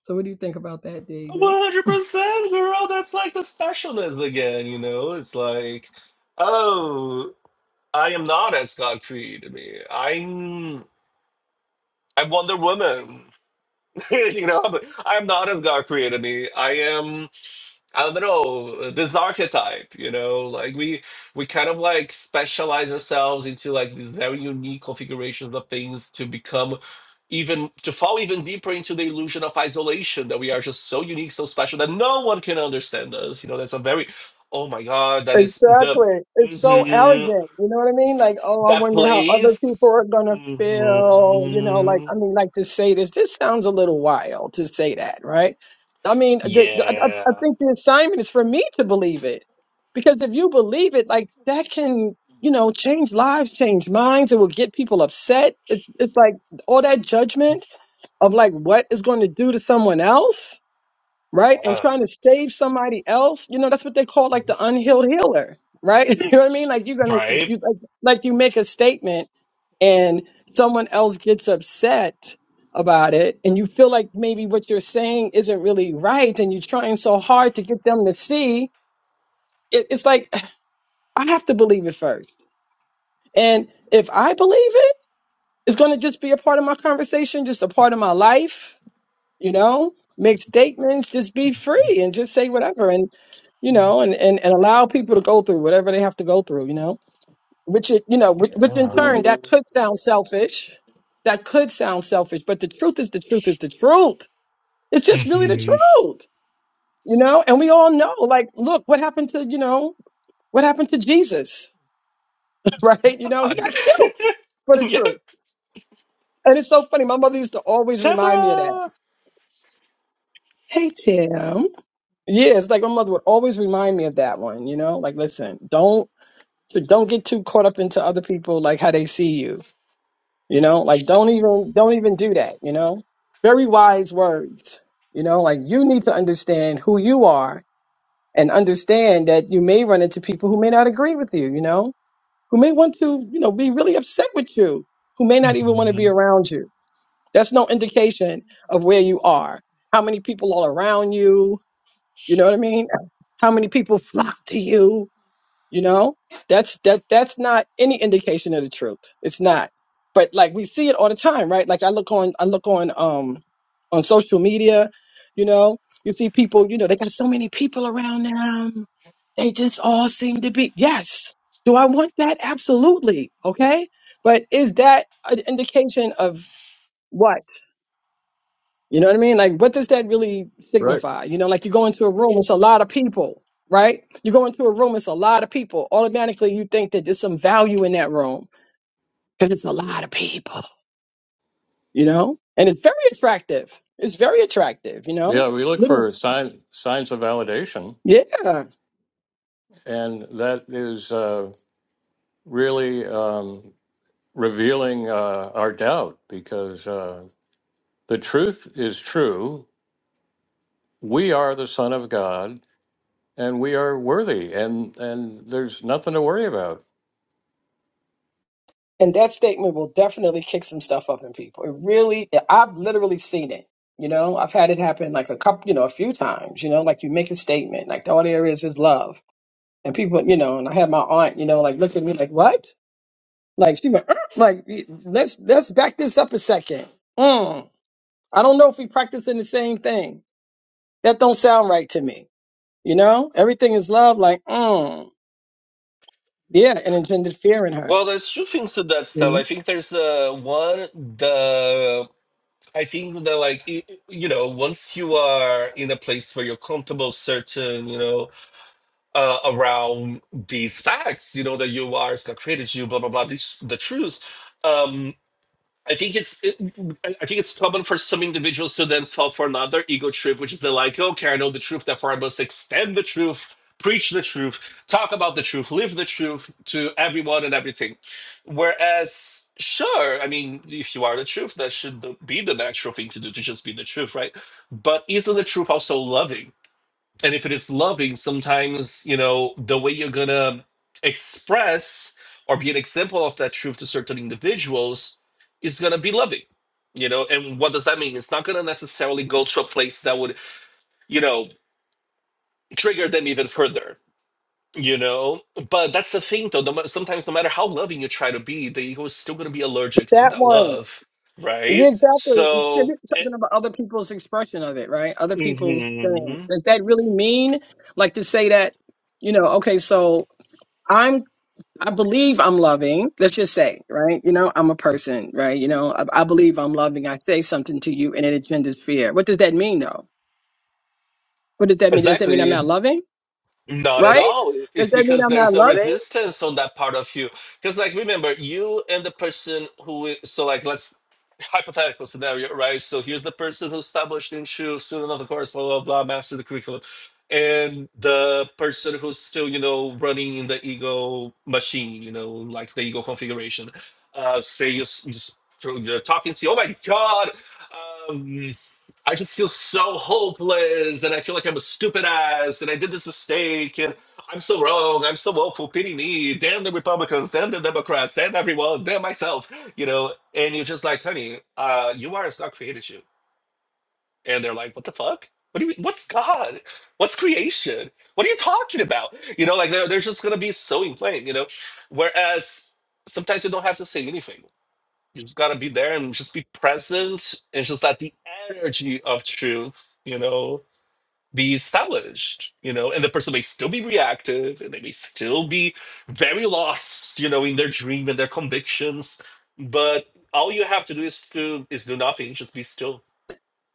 so, what do you think about that, David? one hundred percent, girl. That's like the specialness again. You know, it's like oh, I am not as God created me. I'm I'm Wonder Woman. you know, I'm, I'm not as God created me. I am. I don't know this archetype, you know, like we we kind of like specialize ourselves into like these very unique configurations of things to become even to fall even deeper into the illusion of isolation that we are just so unique, so special that no one can understand us. You know, that's a very oh my god, that is the Exactly. It's so mhm, arrogant. You know what I mean? Like, oh, I that wonder how other people place. are gonna feel. You know, like, hmm I mean, like to say this, this sounds a little wild to say that, right? I mean, the, the, I, I I yeah, think the assignment is for me to believe it. Because if you believe it, like, that can, you know, change lives, change minds. It will get people upset. It, it's like all that judgment of like what is going to do to someone else right? And trying to save somebody else, you know, that's what they call like the unhealed healer, right? you know what I mean? Like you're gonna, you right. you- like, like you make a statement and someone else gets upset about it, and you feel like maybe what you're saying isn't really right, and you're trying so hard to get them to see. It, it's like I have to believe it first, and if I believe it, it's gonna just be a part of my conversation, just a part of my life you know make statements just be free and just say whatever and you know and and, and allow people to go through whatever they have to go through you know which it, you know which, which in turn that could sound selfish that could sound selfish but the truth is the truth is the truth it's just really the truth you know and we all know like look what happened to you know what happened to jesus right you know he got killed for the truth and it's so funny my mother used to always Come remind me of that hey tim Yeah, it's like my mother would always remind me of that one, you know? Like listen, don't don't get too caught up into other people like how they see you. You know? Like don't even don't even do that, you know? Very wise words. You know, like you need to understand who you are and understand that you may run into people who may not agree with you, you know? Who may want to, you know, be really upset with you, who may not even want to Tamra. be around you. That's no indication of where you are. How many people are around you? You know what I mean? How many people flock to you? You know, that's that that's not any indication of the truth. It's not. But like we see it all the time, right? Like I look on I look on um on social media, you know, you see people, you know, they got so many people around them. They just all seem to be yes. Do I want that? Absolutely. Okay. But is that an indication of what? You know what I mean? Like, what does that really right. signify? You know, like you go into a room, it's a lot of people, right? You go into a room, it's a lot of people. Automatically, you think that there's some value in that room because it's a lot of people, you know? And it's very attractive. It's very attractive, you know? Yeah, we look Little, for sign, signs of validation, yeah. and that is uh, really um, revealing uh, our doubt because uh, the truth is true. We are the Son of God, and we are worthy, and and there's nothing to worry about. And that statement will definitely kick some stuff up in people. It really, I've literally seen it. You know, I've had it happen like a couple, you know, a few times, you know, like you make a statement, like all there is is love And people, you know, and I had my aunt, you know, like look at me like, what? Like she went, "Er," like let's let's back this up a second. Mm, I don't know if we practicing the same thing. That don't sound right to me. You know, everything is love. Like, mm, yeah, and engendered fear in her. Well, there's two things to that, you know? Stella. I think there's uh, one the I think that like y- you know once you are in a place where you're comfortable, certain you know uh, around these facts, you know that you are as created you, blah blah blah, this, the truth. Um, I think it's it, I I think it's common for some individuals to then fall for another ego trip, which is the like, okay, I know the truth, therefore I must extend the truth, preach the truth, talk about the truth, live the truth to everyone and everything. Whereas, sure, I mean, if you are the truth, that should be the natural thing to do to just be the truth, right? But isn't the truth also loving? and if it is loving sometimes you know the way you're gonna express or be an example of that truth to certain individuals is gonna be loving you know and what does that mean it's not gonna necessarily go to a place that would you know trigger them even further you know but that's the thing though no ma- sometimes no matter how loving you try to be the ego is still gonna be allergic to That that one, love yeah, right exactly. It's so eh, Talking about other people's expression of it, right? Other people's thing. mhm. Does that really mean like to say that? You know, okay, so. I'm. I believe I'm loving. Let's just say, right? You know, I'm a person, right? You know, I, I believe I'm loving. I say something to you and it engenders fear. What does that mean, though? What does that mean? Does that mean I'm not exactly loving, Not at right? all. Does It's that mean because I'm not there's a loving? resistance on that part of you. Because, like, remember, you and the person who, i- so, like, let's hypothetical scenario, right? So, here's the person who established Inshu, student of the course, blah, blah, blah, master the curriculum. And the person who's still, you know, running in the ego machine, you know, like the ego configuration. Uh, say you, s- you s- so you're talking to, oh my God. um. I just feel so hopeless and I feel like I'm a stupid ass and I did this mistake and I'm so wrong. I'm so woeful. Pity me. Damn the Republicans. Damn the Democrats. Damn everyone. Damn myself. You know, and you're just like, honey, uh, you are as God created you. And they're like, what the fuck? What do you mean? What's God? What's creation? What are you talking about? You know, like they're, they're just going to be so inflamed, you know? Whereas sometimes you don't have to say anything you just gotta be there and just be present and just let the energy of truth, you know, be established, you know, and the person may still be reactive and they may still be very lost, you know, in their dream and their convictions. But all you have to do is to is do nothing, just be still,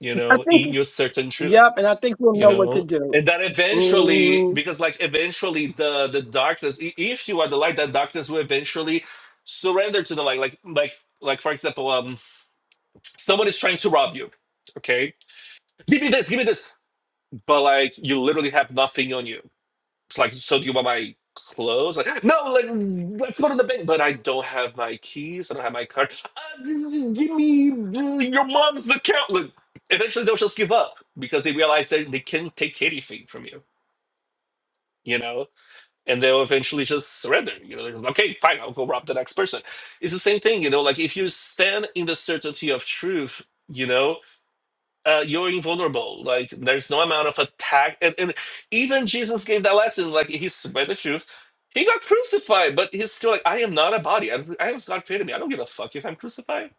you I know, think, in your certain truth, yep, and I think we'll you know what to know. do. And that eventually, Mhm. because like eventually the the darkness, i- if you are the light, that darkness will eventually surrender to the light. Like like like for example, um Someone is trying to rob you. Okay, give me this, give me this. But like, you literally have nothing on you. It's like, so do you want my clothes? Like, no, like, let's go to the bank. But I don't have my keys. I don't have my card. Uh, g- g- give me uh, your mom's account. Like, eventually, they'll just give up because they realize that they can't take anything from you. You know, and they'll eventually just surrender. You know, they're just, like, okay, fine, I'll go rob the next person. It's the same thing. You know, like if you stand in the certainty of truth. You know, uh, you're invulnerable. Like there's no amount of attack, and, and even Jesus gave that lesson. Like he spread the truth. He got crucified, but he's still like, I am not a body. I, I am God created me. I don't give a fuck if I'm crucified.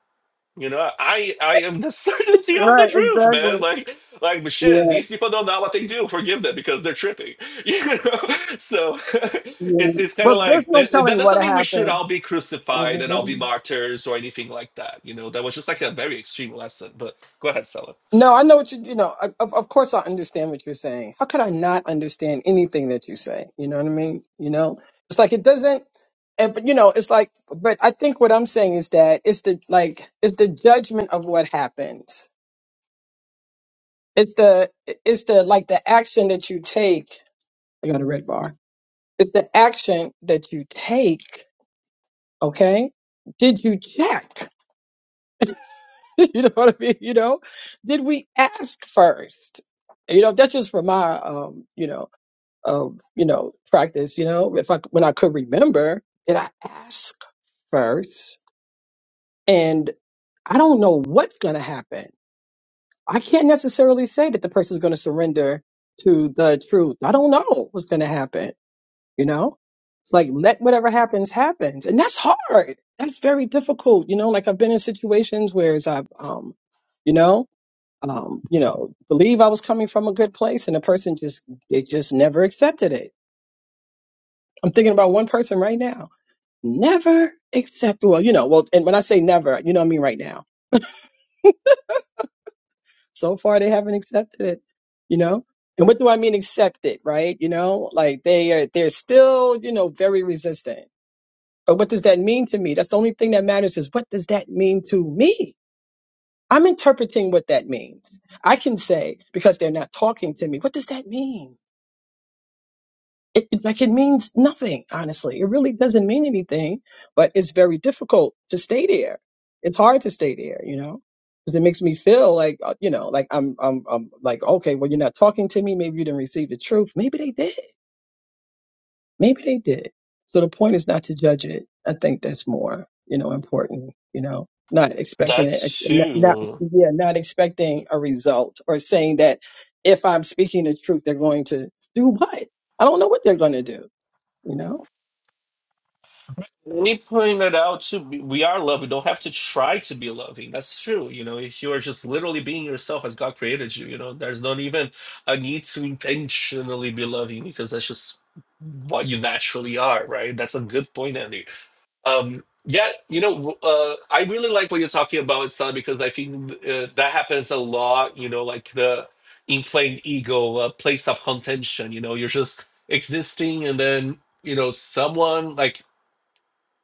You know, I I am the certainty of the Right, truth, exactly. man. Like like shit. Yeah, These people don't know what they do. Forgive them because they're tripping. You know, so yeah. it's it's kind But of there's like no eh, eh, that telling what doesn't mean we should happened. all be crucified and all be Mhm. martyrs or anything like that. You know, that was just like a very extreme lesson. But go ahead, Stella. No, I know what you, you know, I- of, of course I understand what you're saying. How could I not understand anything that you say? You know what I mean? You know, it's like it doesn't, and, but you know, it's like, but I think what I'm saying is that it's the, like, it's the judgment of what happens. It's the, it's the, like the action that you take. I got a red bar. It's the action that you take. Okay. Did you check? you know what I mean? You know, did we ask first? You know, that's just from my, um, you know, um, you know, practice. You know, if I when I could remember, did I ask first? And I don't know what's going to happen. I can't necessarily say that the person's going to surrender to the truth. I don't know what's going to happen. You know, it's like let whatever happens happens, and that's hard. That's very difficult. You know, like I've been in situations where it's I've, um, you know um, you know, believe I was coming from a good place, and the person just they just never accepted it. I'm thinking about one person right now, never accept. Well, you know, well, and when I say never, you know, what I mean right now. So far, they haven't accepted it. You know, and what do I mean accept it? Right? You know, like they are they're still you know very resistant. But what does that mean to me? That's the only thing that matters is what does that mean to me? I'm interpreting what that means. I can say because they're not talking to me. What does that mean? it, it- like it means nothing honestly it really doesn't mean anything but it's very difficult to stay there it's hard to stay there you know because it makes me feel like uh, you know like I'm, I'm i'm like okay well you're not talking to me maybe you didn't receive the truth maybe they did maybe they did so the point is not to judge it i think that's more you know important you know not expecting That it ex- not not- too. yeah not expecting a result or saying that if i'm speaking the truth they're going to do what i don't know what they're going to do you know. And he pointed out too, we we are loving. Don't have to try to be loving. That's true. You know, if you are just literally being yourself as God created you, you know, there's not even a need to intentionally be loving because that's just what you naturally are, right? That's a good point, Andy. Um, yeah, you know, uh, I really like what you're talking about, Sana, because I think uh, that happens a lot. You know, like the inflamed ego, a place of contention. You know, you're just existing, and then you know someone like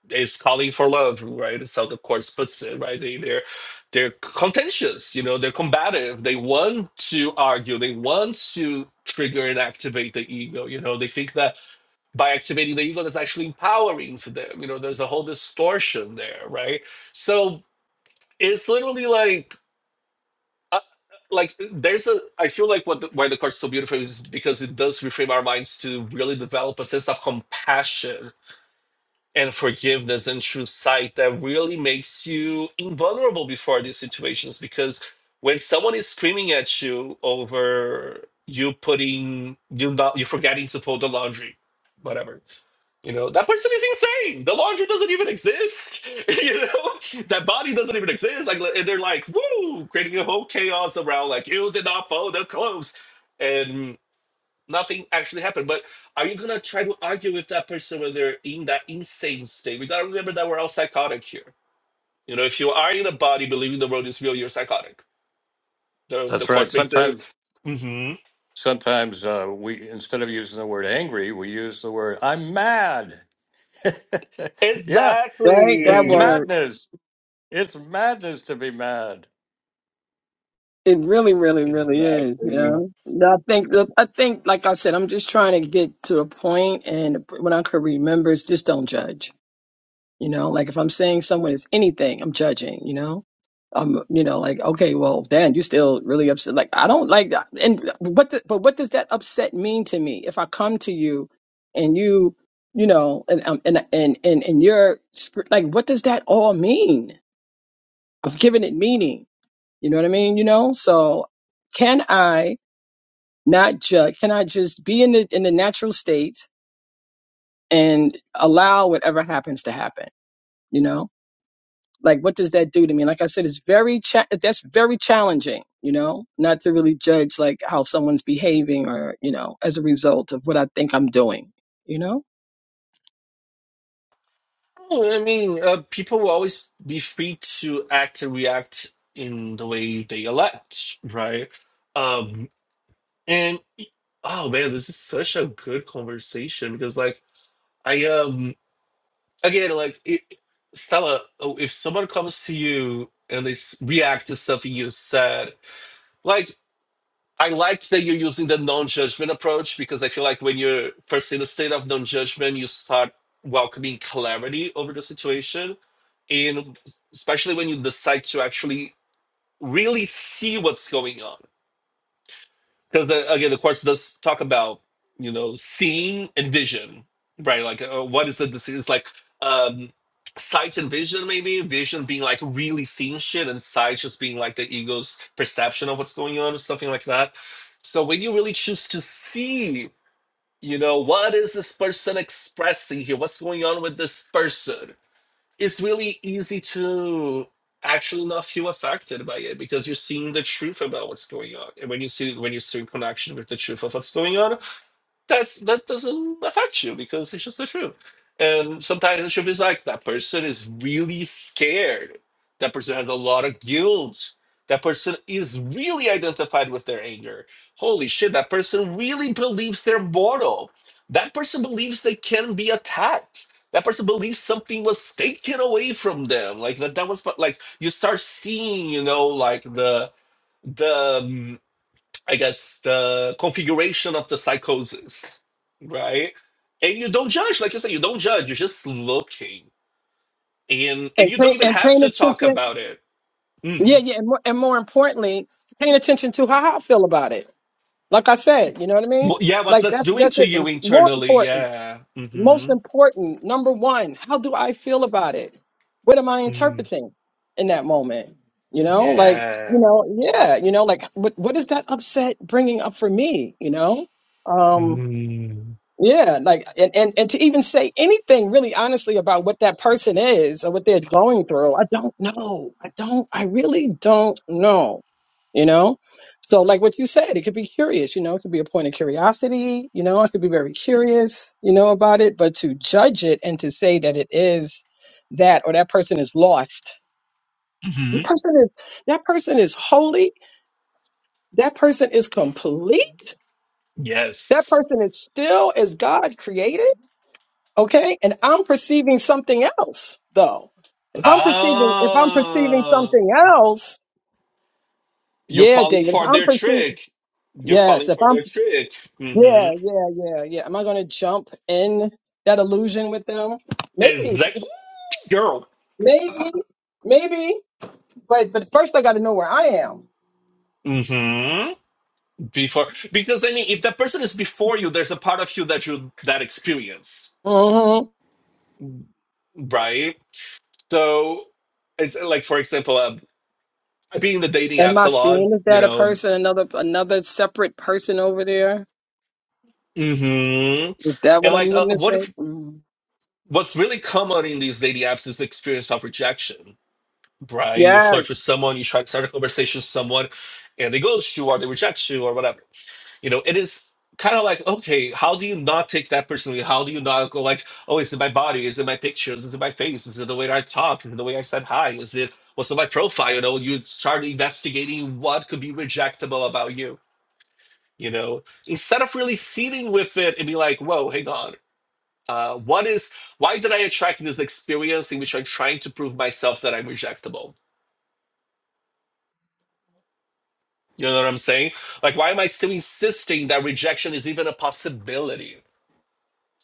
is calling for love, right? That's how the course puts it, right? They they're they're contentious. You know, they're combative. They want to argue. They want to trigger and activate the ego. You know, they think that by activating the ego that's actually empowering to them. You know, there's a whole distortion there, right? So it's literally like, uh, like there's a. I feel like what the, why the card's so beautiful is because it does reframe our minds to really develop a sense of compassion and forgiveness and true sight that really makes you invulnerable before these situations because when someone is screaming at you over you putting you not you forgetting to fold the laundry whatever you know that person is insane the laundry doesn't even exist you know that body doesn't even exist like and they're like woo creating a whole chaos around like you did not fold the clothes nothing actually happened. But are you gonna try to argue with that person when they're in that insane state? We gotta remember that we're all psychotic here. You know, if you are in a body believing the world is real, you're psychotic. The the That's right. course makes it. Sometimes. hmm Sometimes uh, we, instead of using the word angry, we use the word "I'm mad." yeah, Right? That it's Exactly. word. madness. It's madness to be mad. It really, really, really is, you Exactly. know. And I think, I think, like I said, I'm just trying to get to a point, and when I could remember, is just don't judge, you know. Like if I'm saying someone is anything, I'm judging, you know. I'm, you know, like okay, well, Dan, you still really upset. Like I don't like, and what, the, but what does that upset mean to me? If I come to you, and you, you know, and um, and and and and you're like, what does that all mean? I've given it meaning You know what I mean? You know, so can I not judge? Can I just be in the in the natural state and allow whatever happens to happen? You know, like what does that do to me? Like I said, it's very cha- that's very challenging. You know, not to really judge like how someone's behaving or you know as a result of what I think I'm doing. You know, Oh, I mean, uh, people will always be free to act and react in the way they elect, right? Um, and oh man, this is such a good conversation because, like, I am. again, like it, Stella, oh, if someone comes to you and they s- react to something you said, like I like that you're using the non-judgment approach because I feel like when you're first in a state of non-judgment, you start welcoming clarity over the situation, and especially when you decide to actually really see what's going on because again the course does talk about you know seeing and vision right like uh, what is the decision it's like um sight and vision maybe vision being like really seeing shit and sight just being like the ego's perception of what's going on or something like that so when you really choose to see you know what is this person expressing here what's going on with this person it's really easy to actually not feel affected by it because you're seeing the truth about what's going on and when you see when you see in connection with the truth of what's going on that's that doesn't affect you because it's just the truth. And sometimes the truth is like that person is really scared. That person has a lot of guilt. That person is really identified with their anger. Holy shit, that person really believes they're mortal. That person believes they can be attacked. That person believes something was taken away from them. Like that that was but like you start seeing, you know, like the the um, I guess, the configuration of the psychosis, right? And you don't judge, like you said, you don't judge. You're just looking, and and and you don't pay, even and have paying to talk attention. about it. Yeah, Mm. yeah, and more, and more importantly, paying attention to how I feel about it. Like I said, you know what I mean? Well, yeah, what's Like that's that's doing that's to it. you More internally? important, Yeah. most Mm-hmm. important, number one, how do I feel about it? What am I Mm. interpreting in that moment? You know, like you Yeah. know, yeah, you know, like what what is that upset bringing up for me? You know, Um, Mm. yeah, like and, and and to even say anything really honestly about what that person is or what they're going through, I don't know. I don't I really don't know. You know? So like what you said, it could be curious, you know, it could be a point of curiosity, you know, I could be very curious, you know, about it, but to judge it and to say that it is that or that person is lost. hmm That person is that person is holy, that person is complete, that Yes. person is still as God created Okay. And I'm perceiving something else though. If I'm perceiving, if I'm perceiving Ah, something else, you're yeah, falling David, if for I'm their perceiving, trick. You're yes, falling if for I'm, their trick. yeah, Mm-hmm. yeah, yeah, yeah. Am I going to jump in that illusion with them? Is Maybe, that girl? maybe, maybe. But, but first I got to know where I am. Mm-hmm. before because i mean if that person is before you there's a part of you that you that experience hmm right so it's like for example um, i've been in the dating Am apps I a lot seeing is you that a know person, another, another separate person over there? hmm Is that what and I'm like uh, what witnessing? if, Mm. what's really common in these dating apps is the experience of rejection right you Yes. flirt with someone you try to start a conversation with someone and they ghost you or they reject you or whatever You know, it is kind of like, okay, how do you not take that personally? How do you not go like, oh, is it my body? Is it my pictures? Is it my face? Is it the way I talk? Is it the way I said hi? Is it what's on my profile? You know, you start investigating what could be rejectable about you, you know, instead of really sitting with it and be like, whoa, hang on. Uh, what is why did I attract this experience in which I'm trying to prove myself that I'm rejectable? You know what I'm saying? Like, why am I still insisting that rejection is even a possibility?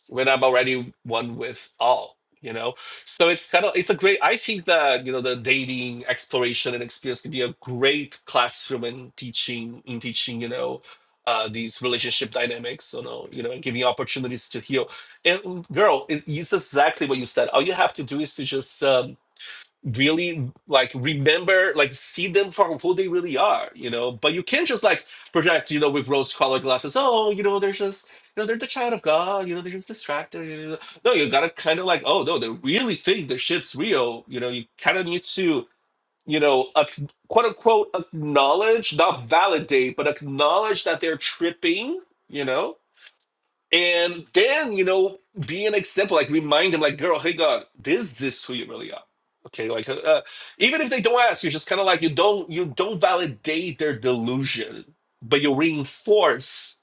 when I'm already one with all, you know? So it's kind of, it's a great, I think that, you know, the dating exploration and experience can be a great classroom in teaching, in teaching, you know, uh, these relationship dynamics, you know, you know, giving opportunities to heal. And girl, it, it's exactly what you said. All you have to do is to just, um, really like remember like see them for who they really are you know but you can't just like project you know with rose colored glasses oh you know they're just you know they're the child of god you know they're just distracted you know. no you gotta kind of like oh no they really think the shit's real you know you kind of need to you know ac- quote unquote acknowledge not validate but acknowledge that they're tripping you know and then, you know, be an example, like remind them, like, girl, hey, God, this is who you really are. Okay, like uh, uh, even if they don't ask, you just kind of like you don't you don't validate their delusion, but you reinforce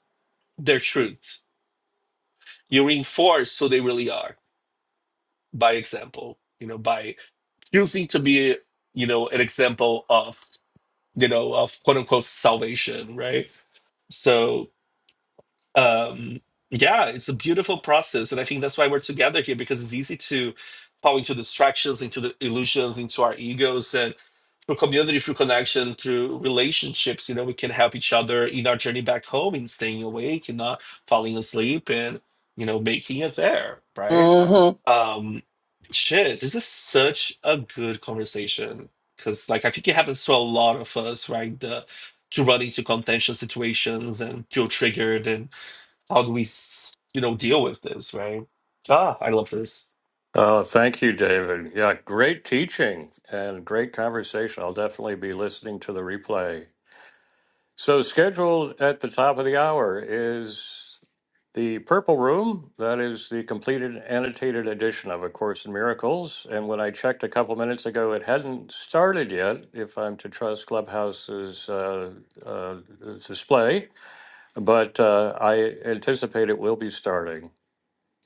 their truth. You reinforce who they really are by example. You know, by choosing to be, you know, an example of, you know, of quote unquote salvation, right? So. um yeah it's a beautiful process and i think that's why we're together here because it's easy to fall into distractions into the illusions into our egos and through community through connection through relationships you know we can help each other in our journey back home in staying awake and not falling asleep and you know making it there right hmm um shit this is such a good conversation because like i think it happens to a lot of us right the to run into contentious situations and feel triggered and how do we, s- you know, deal with this, right? Ah, I love this. Oh, thank you, David. Yeah, great teaching and great conversation. I'll definitely be listening to the replay. So, scheduled at the top of the hour is the Purple Room. That is the completed annotated edition of A Course in Miracles. And when I checked a couple minutes ago, it hadn't started yet, if I'm to trust Clubhouse's uh, uh, display. But uh, I anticipate it will be starting.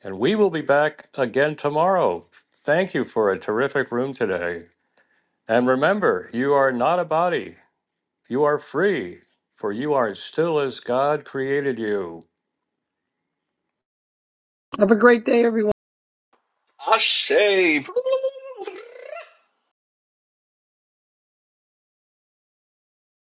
And we will be back again tomorrow. Thank you for a terrific room today. And remember, you are not a body, you are free, for you are still as God created you. Have a great day, everyone. Ashay.